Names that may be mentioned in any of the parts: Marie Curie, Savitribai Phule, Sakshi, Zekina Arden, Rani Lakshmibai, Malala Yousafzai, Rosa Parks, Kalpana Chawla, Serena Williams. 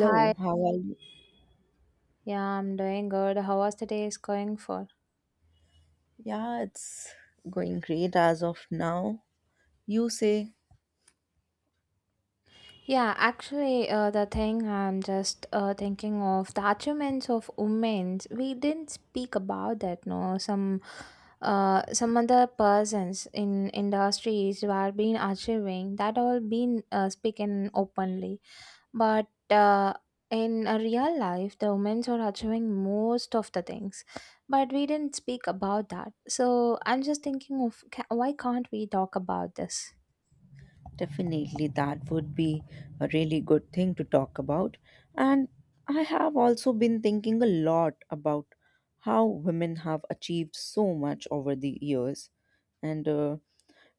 Hi, how are you? yeah, I'm doing good. How was the day is going for? Yeah, it's going great as of now. You say Yeah, actually, the thing I'm just thinking of the achievements of women. We didn't speak about that, no. Some other persons in industries who are been achieving that all been speaking openly. But In a real life the women are achieving most of the things, but we didn't speak about that, so I'm just thinking of why can't we talk about this. definitely that would be a really good thing to talk about. And I have also been thinking a lot about how women have achieved so much over the years. And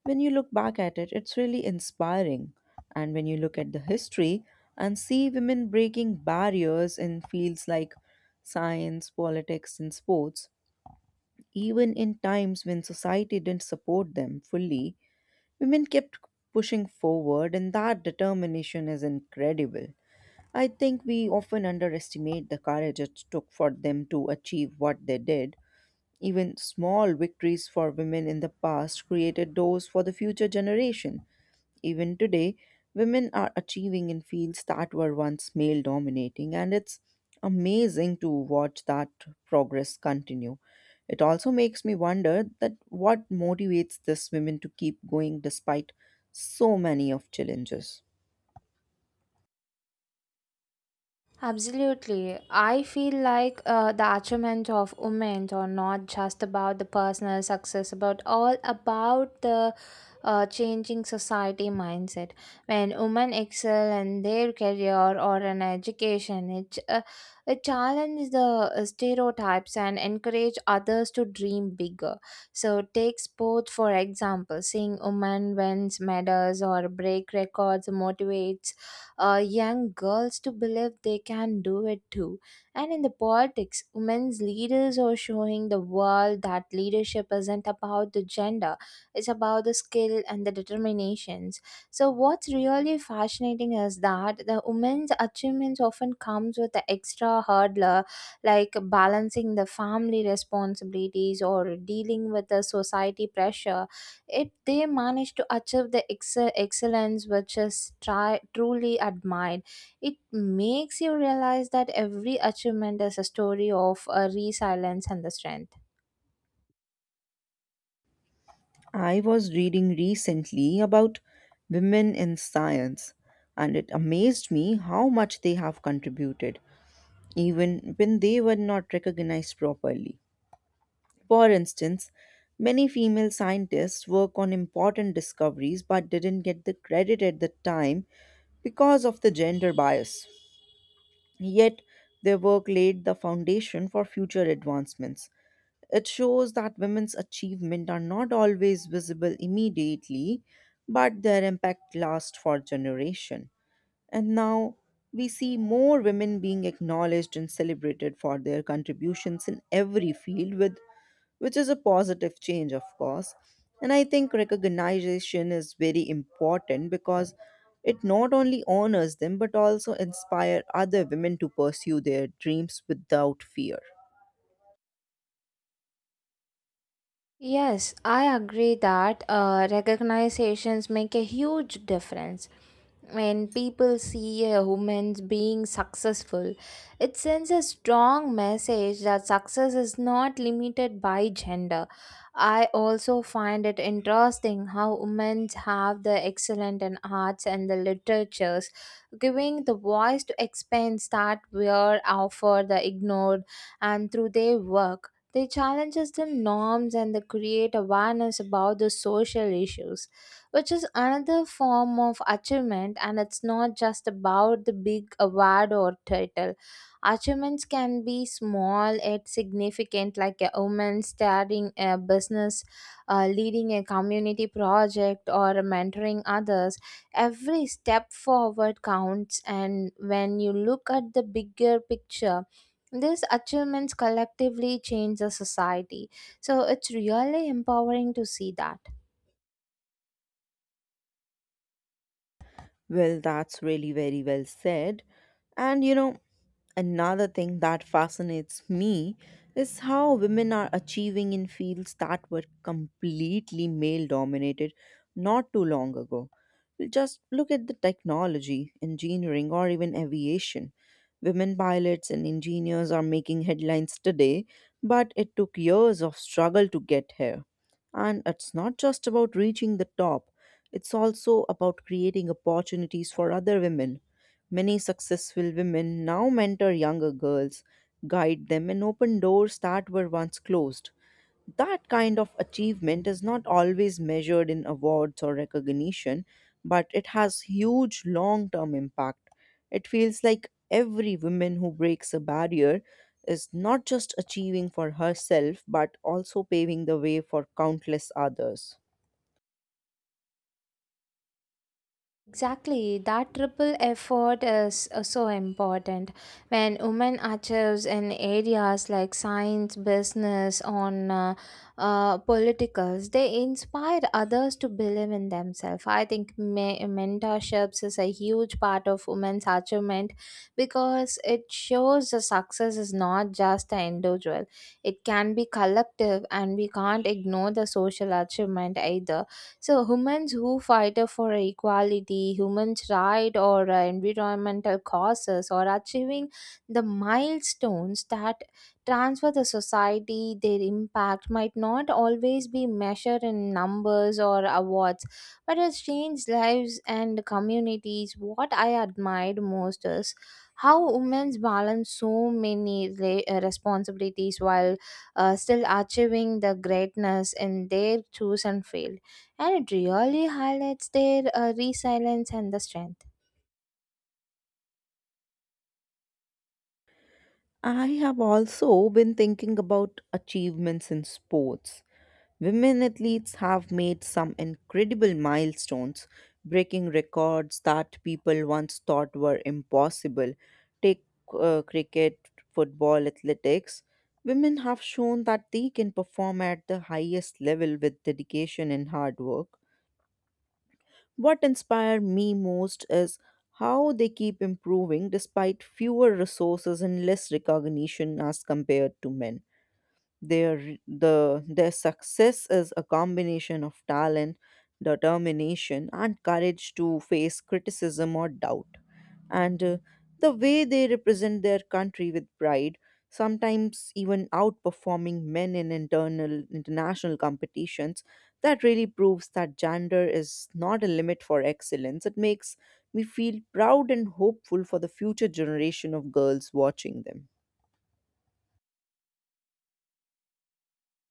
When you look back at it, it's really inspiring. And when you look at the history and see women breaking barriers in fields like science, politics, and sports, even in times when society didn't support them fully, women kept pushing forward, and that determination is incredible. I think we often underestimate the courage it took for them to achieve what they did. Even small victories for women in the past created doors for the future generation. Even today, women are achieving in fields that were once male dominating, and it's amazing to watch that progress continue. It also makes me wonder that what motivates these women to keep going despite so many of challenges. Absolutely. I feel like the achievement of women are not just about the personal success, but all about the changing society mindset. When women excel in their career or in education, it challenges the stereotypes and encourage others to dream bigger. So, take sports for example. Seeing women wins medals or break records motivates young girls to believe they can do it too. And in the politics, women's leaders are showing the world that leadership isn't about the gender, it's about the skill and the determinations. So what's really fascinating is that the women's achievements often comes with the extra hurdler, like balancing the family responsibilities or dealing with the society pressure. Yet they managed to achieve the excellence, which is truly admired. It makes you realize that every achievement is a story of a resilience and the strength. I was reading recently about women in science, and it amazed me how much they have contributed, even when they were not recognized properly. For instance, many female scientists work on important discoveries but didn't get the credit at the time because of the gender bias. Yet, their work laid the foundation for future advancements. It shows that women's achievements are not always visible immediately, but their impact lasts for generations. And now we see more women being acknowledged and celebrated for their contributions in every field with which is a positive change, of course. And I think recognition is very important because it not only honors them but also inspire other women to pursue their dreams without fear. Yes, I agree that recognizations make a huge difference. When people see a woman being successful, it sends a strong message that success is not limited by gender. I also find it interesting how women have the excellent in arts and the literatures, giving the voice to expense that were offered the ignored, and through their work they challenges the norms and they create awareness about the social issues, which is another form of achievement. And it's not just about the big award or title. Achievements can be small yet significant, like a woman starting a business, leading a community project, or mentoring others. Every step forward counts, and when you look at the bigger picture, these achievements collectively change the society. So it's really empowering to see that. Well, that's really very well said. And you know, another thing that fascinates me is how women are achieving in fields that were completely male dominated not too long ago. Just look at the technology, engineering, or even aviation. Women pilots and engineers are making headlines today, but it took years of struggle to get here. And it's not just about reaching the top. It's also about creating opportunities for other women. Many successful women now mentor younger girls, guide them, and open doors that were once closed. That kind of achievement is not always measured in awards or recognition, but it has huge long term impact. It feels like every woman who breaks a barrier is not just achieving for herself, but also paving the way for countless others. Exactly, that triple effort is so important. When women achieves in areas like science, business, on politicals, they inspire others to believe in themselves. I think mentorships is a huge part of women's achievement, because it shows the success is not just an individual; it can be collective, and we can't ignore the social achievement either. So humans who fight for equality, humans' right, or environmental causes, or achieving the milestones that transfer the society, their impact might not always be measured in numbers or awards, but has changed lives and communities. What I admired most is how women balance so many responsibilities while still achieving the greatness in their chosen field, and it really highlights their resilience and the strength. I have also been thinking about achievements in sports. Women athletes have made some incredible milestones, breaking records that people once thought were impossible. Take cricket, football, athletics. Women have shown that they can perform at the highest level with dedication and hard work. What inspired me most is how they keep improving despite fewer resources and less recognition as compared to men. Their success is a combination of talent, determination, and courage to face criticism or doubt. And The way they represent their country with pride, sometimes even outperforming men in internal international competitions, that really proves that gender is not a limit for excellence. It makes me feel proud and hopeful for the future generation of girls watching them.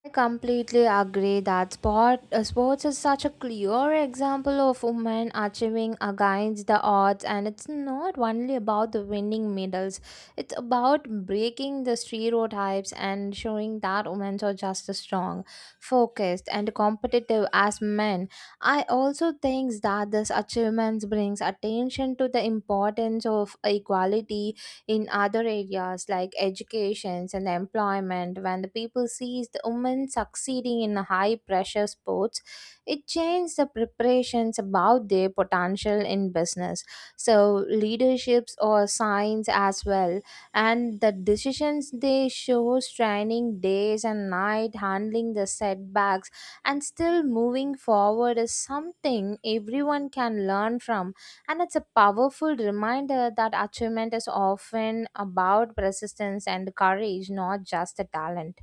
I completely agree that sports is such a clear example of women achieving against the odds, and it's not only about the winning medals, it's about breaking the stereotypes and showing that women are just as strong, focused, and competitive as men. I also think that this achievement brings attention to the importance of equality in other areas like education and employment. When the people sees the women succeeding in high pressure sports, it changes the preparations about their potential in business, so leaderships or signs as well. And the decisions they show training days and night, handling the setbacks and still moving forward, is something everyone can learn from. And it's a powerful reminder that achievement is often about persistence and courage, not just the talent.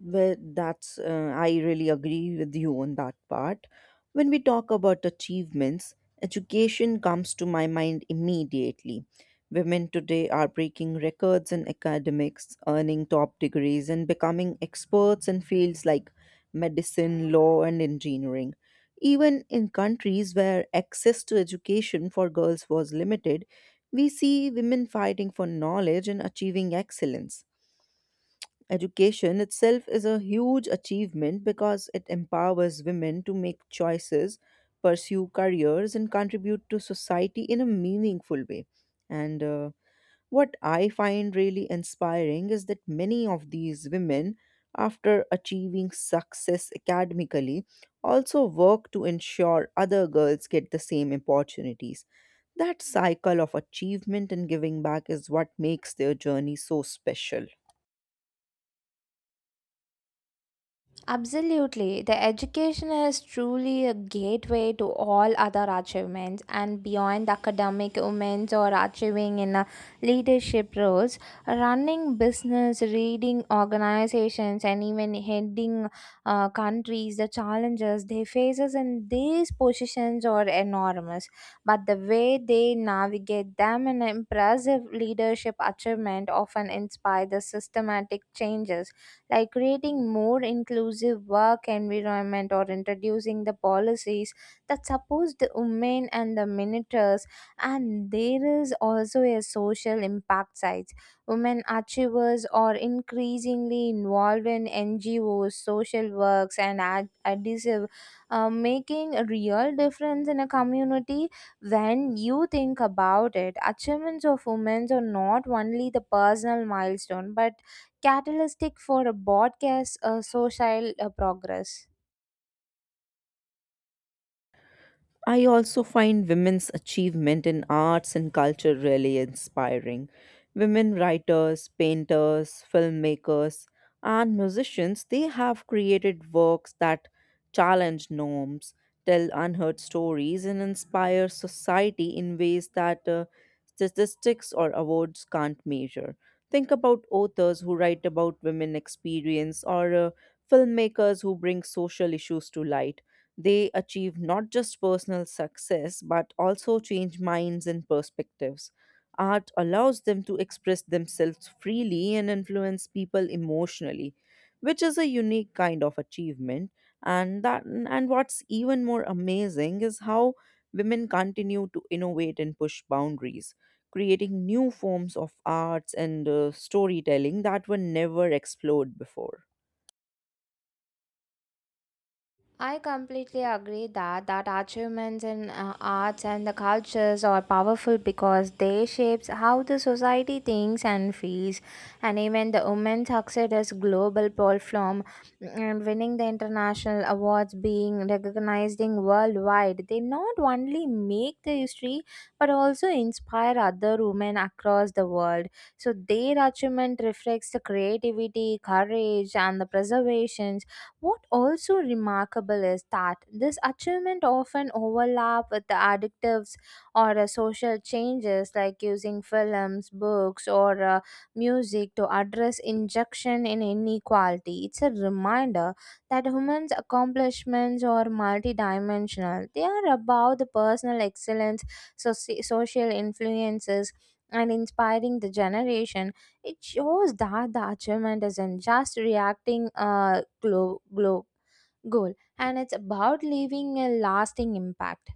I really agree with you on that part. When we talk about achievements, education comes to my mind immediately. Women today are breaking records in academics, earning top degrees, and becoming experts in fields like medicine, law, and engineering. Even in countries where access to education for girls was limited, we see women fighting for knowledge and achieving excellence. Education itself is a huge achievement because it empowers women to make choices, pursue careers, and contribute to society in a meaningful way. And What I find really inspiring is that many of these women, after achieving success academically, also work to ensure other girls get the same opportunities. That cycle of achievement and giving back is what makes their journey so special. Absolutely. The education is truly a gateway to all other achievements, and beyond academic moments or achieving in leadership roles, running business, leading organizations, and even heading countries, the challenges they faces in these positions are enormous. But the way they navigate them and impressive leadership achievement often inspire the systematic changes, like creating more inclusive work environment or introducing the policies that support the women and the minorities. And there is also a social impact side. Women achievers are increasingly involved in NGOs, social works, and adhesive, making a real difference in a community. When you think about it, achievements of women are not only the personal milestone but catalytic for a broadcast social progress. I also find women's achievement in arts and culture really inspiring. Women writers, painters, filmmakers, and musicians, they have created works that challenge norms, tell unheard stories, and inspire society in ways that statistics or awards can't measure. Think about authors who write about women experience or filmmakers who bring social issues to light. They achieve not just personal success, but also change minds and perspectives. Art allows them to express themselves freely and influence people emotionally, which is a unique kind of achievement. And what's even more amazing is how women continue to innovate and push boundaries, creating new forms of arts and storytelling that were never explored before. I completely agree that achievements in arts and the cultures are powerful because they shapes how the society thinks and feels. And even the women's success as global platform and winning the international awards, being recognized in worldwide, they not only make the history but also inspire other women across the world. So their achievement reflects the creativity, courage, and the preservations. What also remarkable is that this achievement often overlap with the addictives or social changes, like using films, books, or music to address injection in inequality. It's a reminder that humans' accomplishments are multidimensional. They are about the personal excellence, social influences, and inspiring the generation. It shows that the achievement isn't just reacting a glow goal, and it's about leaving a lasting impact.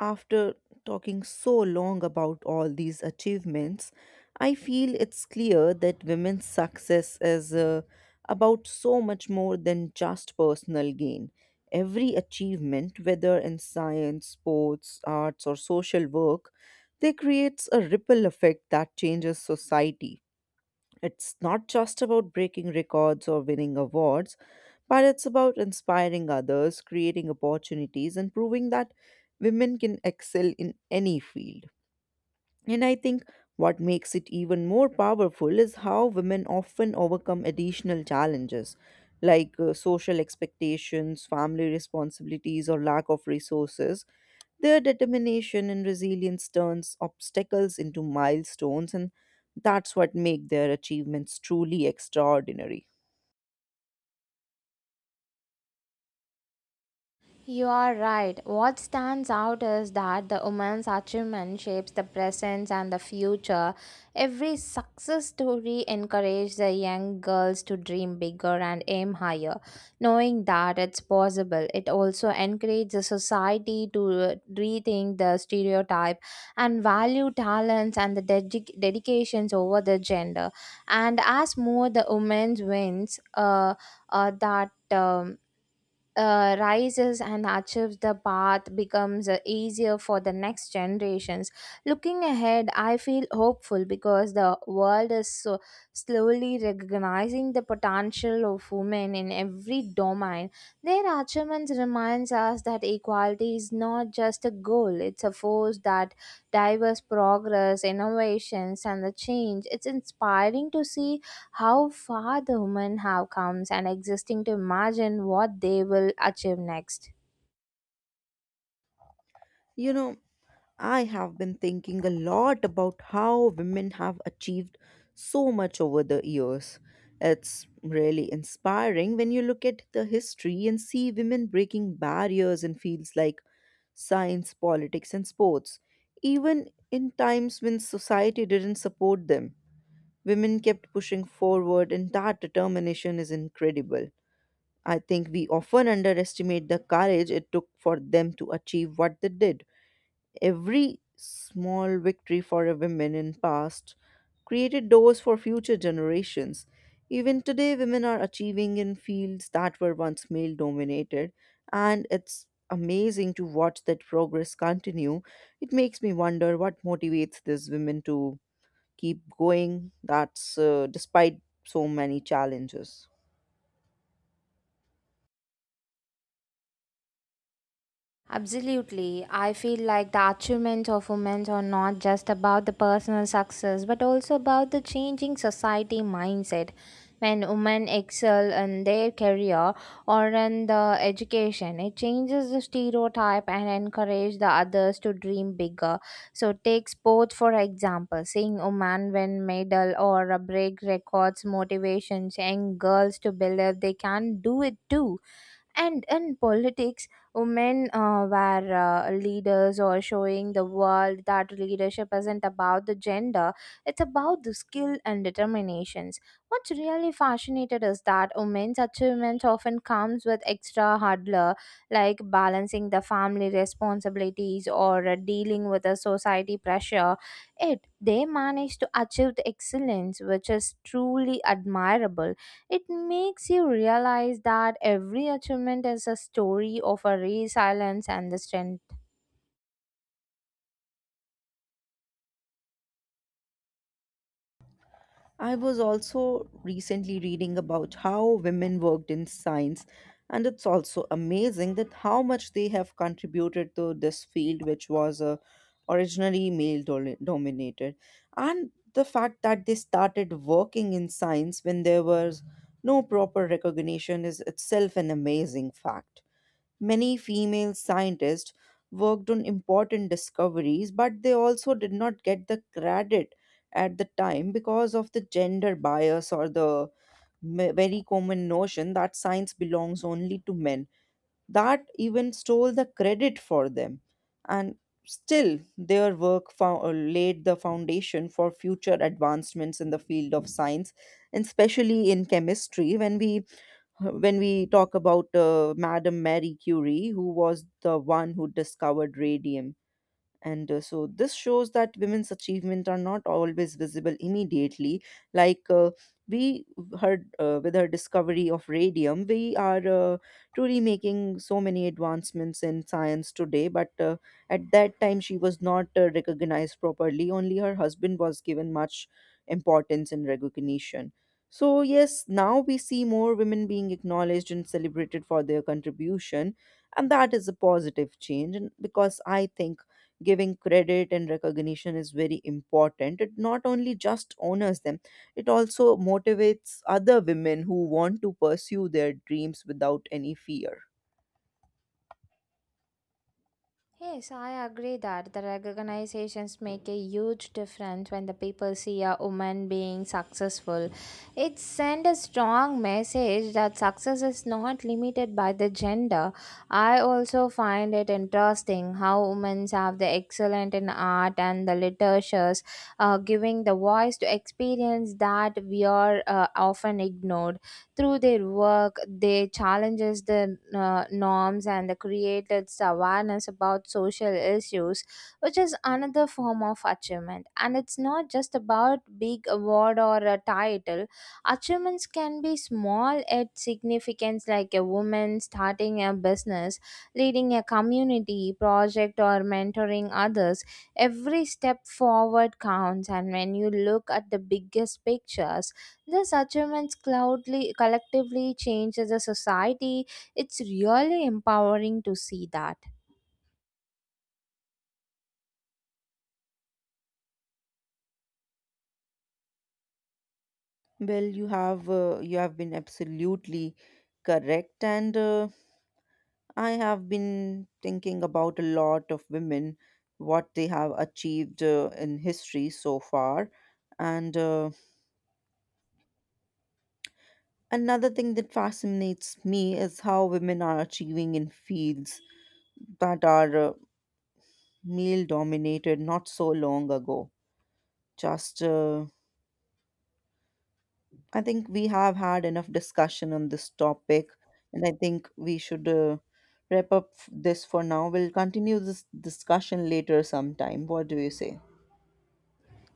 After talking so long about all these achievements, I feel it's clear that women's success is about so much more than just personal gain. Every achievement, whether in science, sports, arts, or social work, they creates a ripple effect that changes society. It's not just about breaking records or winning awards, but it's about inspiring others, creating opportunities, and proving that women can excel in any field. And I think what makes it even more powerful is how women often overcome additional challenges like social expectations, family responsibilities, or lack of resources. Their determination and resilience turns obstacles into milestones, and that's what make their achievements truly extraordinary. You are right. What stands out is that the woman's achievement shapes the present and the future. Every success story encourages the young girls to dream bigger and aim higher. Knowing that it's possible, it also encourages the society to rethink the stereotype and value talents and the dedications over the gender. And as more the women wins, that. Rises and achieves, the path becomes easier for the next generations. Looking ahead, I feel hopeful because the world is so slowly recognizing the potential of women in every domain. Their achievements reminds us that equality is not just a goal; it's a force that diverse progress, innovations, and the change. It's inspiring to see how far the women have come and existing to imagine what they will achieve next. You know, I have been thinking a lot about how women have achieved so much over the years. It's really inspiring when you look at the history and see women breaking barriers in fields like science, politics, and sports, even in times when society didn't support them. Women kept pushing forward, and that determination is incredible. I think we often underestimate the courage it took for them to achieve what they did. Every small victory for a woman in past created doors for future generations. Even today, women are achieving in fields that were once male dominated, and it's amazing to watch that progress continue. It makes me wonder what motivates these women to keep going, that's despite so many challenges. Absolutely. I feel like the achievements of women are not just about the personal success, but also about the changing society mindset. When women excel in their career or in the education, it changes the stereotype and encourage the others to dream bigger. So take sports for example, seeing women win medal or break records motivations young girls to believe they can do it too. And in politics, women were leaders or showing the world that leadership isn't about the gender, it's about the skill and determinations. What's really fascinated is that women's achievement often comes with extra hurdler, like balancing the family responsibilities or dealing with the society pressure. It they manage to achieve the excellence, which is truly admirable. It makes you realize that every achievement is a story of a resilience and the strength. I was also recently reading about how women worked in science, and it's also amazing that how much they have contributed to this field which was originally dominated. And the fact that they started working in science when there was no proper recognition is itself an amazing fact. Many female scientists worked on important discoveries, but they also did not get the credit at the time because of the gender bias or the very common notion that science belongs only to men. That even stole the credit for them. And still, their work laid the foundation for future advancements in the field of science, and especially in chemistry, when we talk about Madame Marie Curie, who was the one who discovered radium. And uh, so this shows that women's achievements are not always visible immediately. Like we heard, with her discovery of radium we are truly making so many advancements in science today, but at that time she was not recognized properly. Only her husband was given much importance and recognition. So yes, now we see more women being acknowledged and celebrated for their contribution, and that is a positive change. And because I think giving credit and recognition is very important, it not only just honors them, it also motivates other women who want to pursue their dreams without any fear. Yes, I agree that the recognizations make a huge difference when the people see a woman being successful. It sends a strong message that success is not limited by the gender. I also find it interesting how women have the excellent in art and the literatures, giving the voice to experience that we are often ignored. Through their work, they challenges the norms and they created awareness about social issues, which is another form of achievement. And it's not just about big award or a title. Achievements can be small yet significant, like a woman starting a business, leading a community project, or mentoring others. Every step forward counts, and when you look at the biggest pictures, these achievements cloudly, collectively change as a society. It's really empowering to see that. You have been absolutely correct, and I have been thinking about a lot of women, what they have achieved in history so far. And Another thing that fascinates me is how women are achieving in fields that are male dominated not so long ago. Just, uh, I think we have had enough discussion on this topic, and I think we should wrap up this for now. We'll continue this discussion later sometime. What do you say?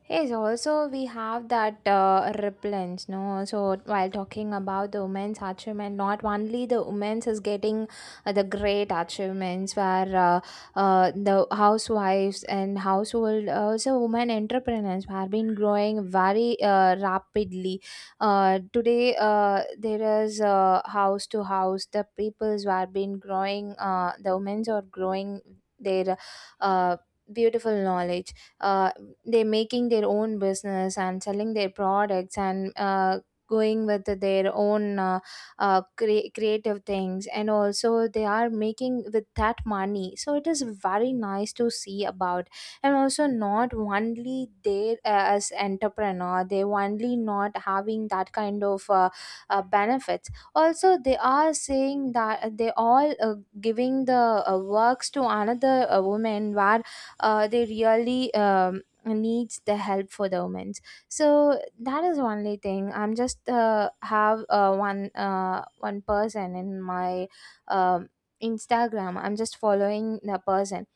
Yes, also we have that repellence, no? So while talking about the women's achievement, not only the women's is getting the great achievements, where the housewives and household, also women entrepreneurs have been growing very rapidly. Today, there is, house to house, the peoples who have been growing, the women's are growing their uh, beautiful knowledge. uh, they're making their own business and selling their products, and going with their own creative things, and also they are making with that money, so it is very nice to see about. And also, not only they, as entrepreneur, they only not having that kind of benefits, also they are saying that they all giving the works to another woman where they really needs the help for the women. So that is only thing, I'm just have one person in my um, Instagram, I'm just following the person.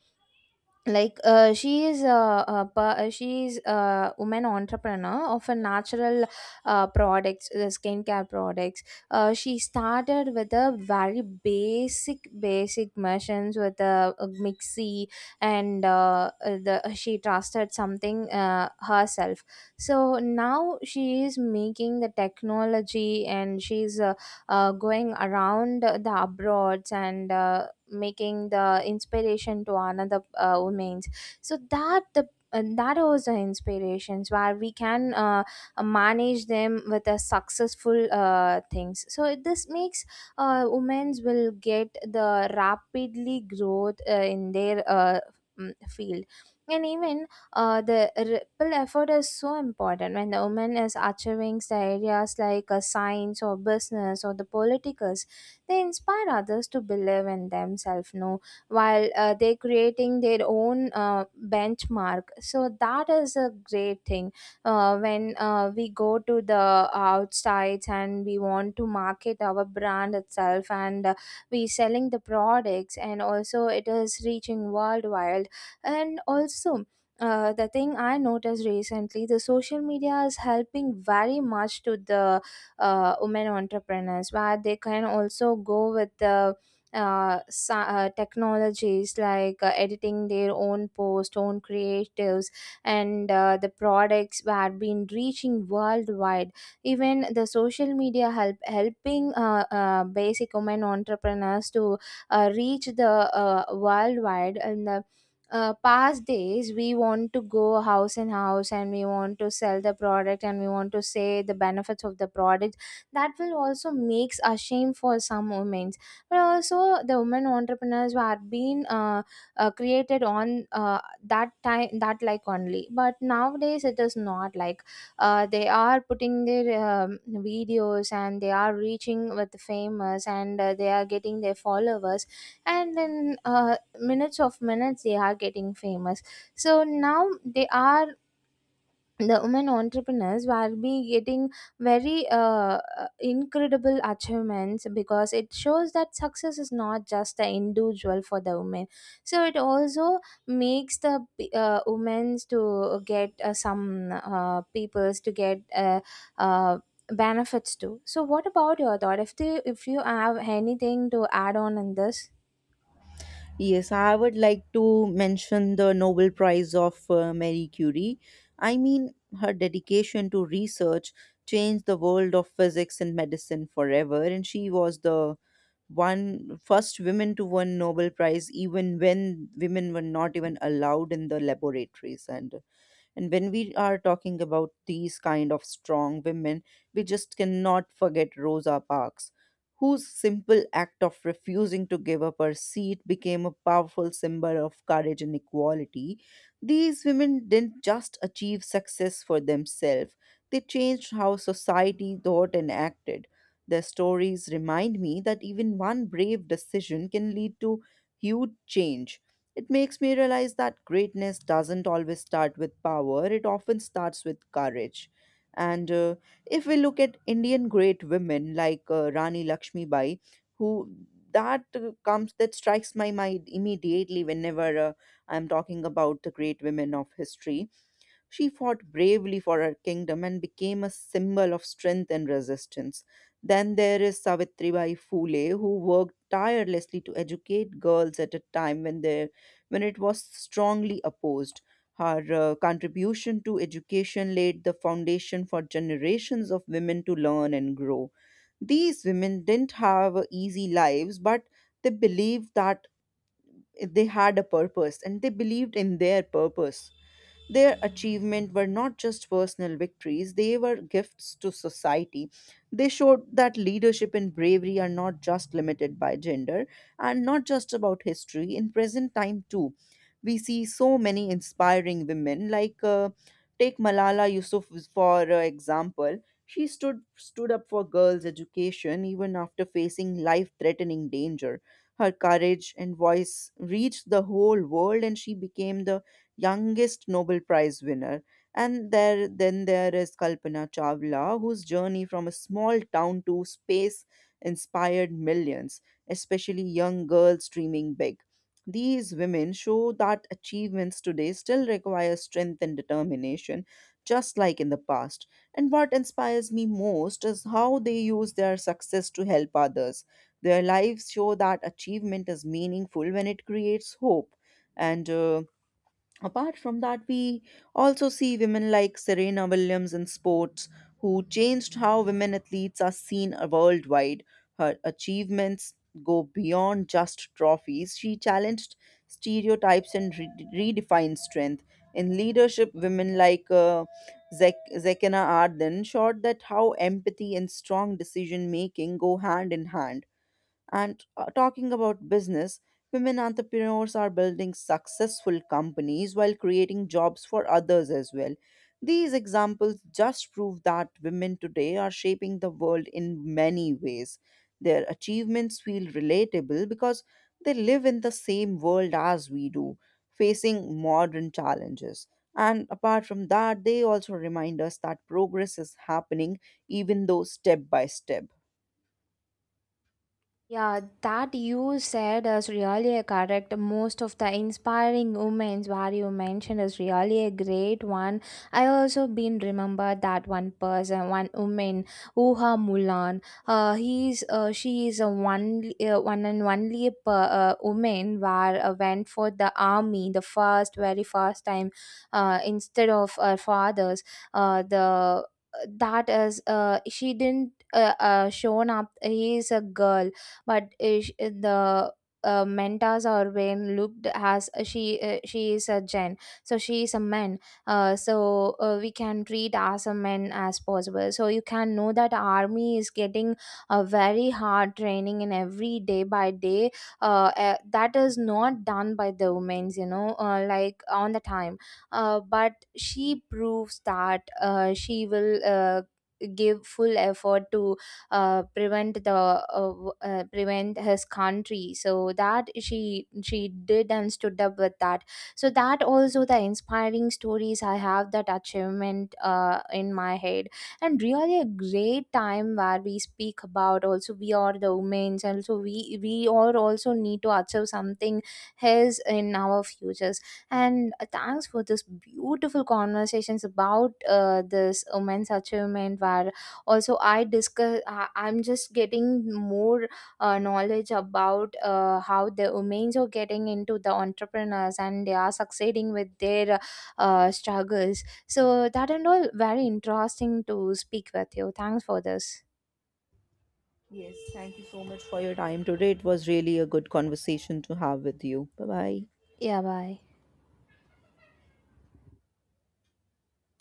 Like she is a woman entrepreneur of a natural products, skincare products. She started with a very basic machines with a mixie. And the she trusted something herself. So now she is making the technology, and she's going around the abroads, and making the inspiration to another women's. So that the, and that was the inspirations where we can manage them with a successful things, so this makes women's will get the rapidly growth in their field. And even the ripple effort is so important when the woman is achieving the areas like science or business or the political. They inspire others to believe in themselves, no, while they creating their own benchmark. So that is a great thing. When we go to the outsides and we want to market our brand itself, and we selling the products, and also it is reaching worldwide, and also the thing I noticed recently, the social media is helping very much to the women entrepreneurs where they can also go with the technologies like editing their own post, own creatives, and the products were been reaching worldwide. Even the social media helping basic women entrepreneurs to reach the worldwide. In the past days, we want to go house in house, and we want to sell the product, and we want to say the benefits of the product. That will also makes a shame for some women. But also the women entrepreneurs who have been created on that time, that like only, but nowadays it is not like they are putting their videos, and they are reaching with the famous, and they are getting their followers. And in minutes of minutes they are getting famous. So now they are, the women entrepreneurs will be getting very incredible achievements, because it shows that success is not just the individual for the women. So it also makes the women to get some peoples to get uh, benefits too. So what about your thought, if you have anything to add on in this? Yes, I would like to mention the Nobel Prize of Marie Curie. I mean, her dedication to research changed the world of physics and medicine forever, and she was the one first woman to win Nobel Prize, even when women were not even allowed in the laboratories. And when we are talking about these kind of strong women, we just cannot forget Rosa Parks, whose simple act of refusing to give up her seat became a powerful symbol of courage and equality. These women didn't just achieve success for themselves, they changed how society thought and acted. Their stories remind me that even one brave decision can lead to huge change. It makes me realize that greatness doesn't always start with power, it often starts with courage. And If we look at Indian great women like Rani Lakshmibai, who that comes that strikes my mind immediately whenever I'm talking about the great women of history, she fought bravely for her kingdom and became a symbol of strength and resistance. Then there is Savitribai Phule, who worked tirelessly to educate girls at a time when it was strongly opposed. Her contribution to education laid the foundation for generations of women to learn and grow. These women didn't have easy lives, but they believed that they had a purpose and they believed in their purpose. Their achievement were not just personal victories, they were gifts to society. They showed that leadership and bravery are not just limited by gender and not just about history, in present time too. We see so many inspiring women like take Malala Yousafzai for example. She stood up for girls' education even after facing life-threatening danger. Her courage and voice reached the whole world, and she became the youngest Nobel Prize winner. Then there is Kalpana Chawla, whose journey from a small town to space inspired millions, especially young girls dreaming big. These women show that achievements today still require strength and determination, just like in the past. And what inspires me most is how they use their success to help others. Their lives show that achievement is meaningful when it creates hope. And Apart from that, we also see women like Serena Williams in sports, who changed how women athletes are seen worldwide. Her achievements go beyond just trophies. She challenged stereotypes and redefined strength. In leadership, women like Zekina Arden showed that how empathy and strong decision making go hand in hand. And talking about business, women entrepreneurs are building successful companies while creating jobs for others as well. These examples just prove that women today are shaping the world in many ways. Their achievements feel relatable because they live in the same world as we do, facing modern challenges. And apart from that, they also remind us that progress is happening, even though step by step. Yeah, that you said is really correct. Most of the inspiring women's what you mentioned is really a great one. I also been remember that one person, one woman, Uha Mulan. He's she is a one and only woman where went for the army the first very first time. Instead of her fathers, the that is, she didn't shown up. He is a girl, but ish, the mentors are when looked as, she is a gen, so she is a man. So we can treat as a man as possible, so you can know that army is getting a very hard training in every day by day. That is not done by the women's, you know, like on the time. But she proves that she will give full effort to prevent the prevent his country, so that she did and stood up with that. So that also the inspiring stories I have that achievement in my head. And really a great time where we speak about, also we are the women, and so we all also need to achieve something his in our futures. And thanks for this beautiful conversations about this women's achievement where also I discuss, I'm just getting more knowledge about how the women's are getting into the entrepreneurs, and they are succeeding with their struggles, so that, and all very interesting to speak with you. Thanks for this. Yes, thank you so much for your time today. It was really a good conversation to have with you. Bye bye. Yeah, bye.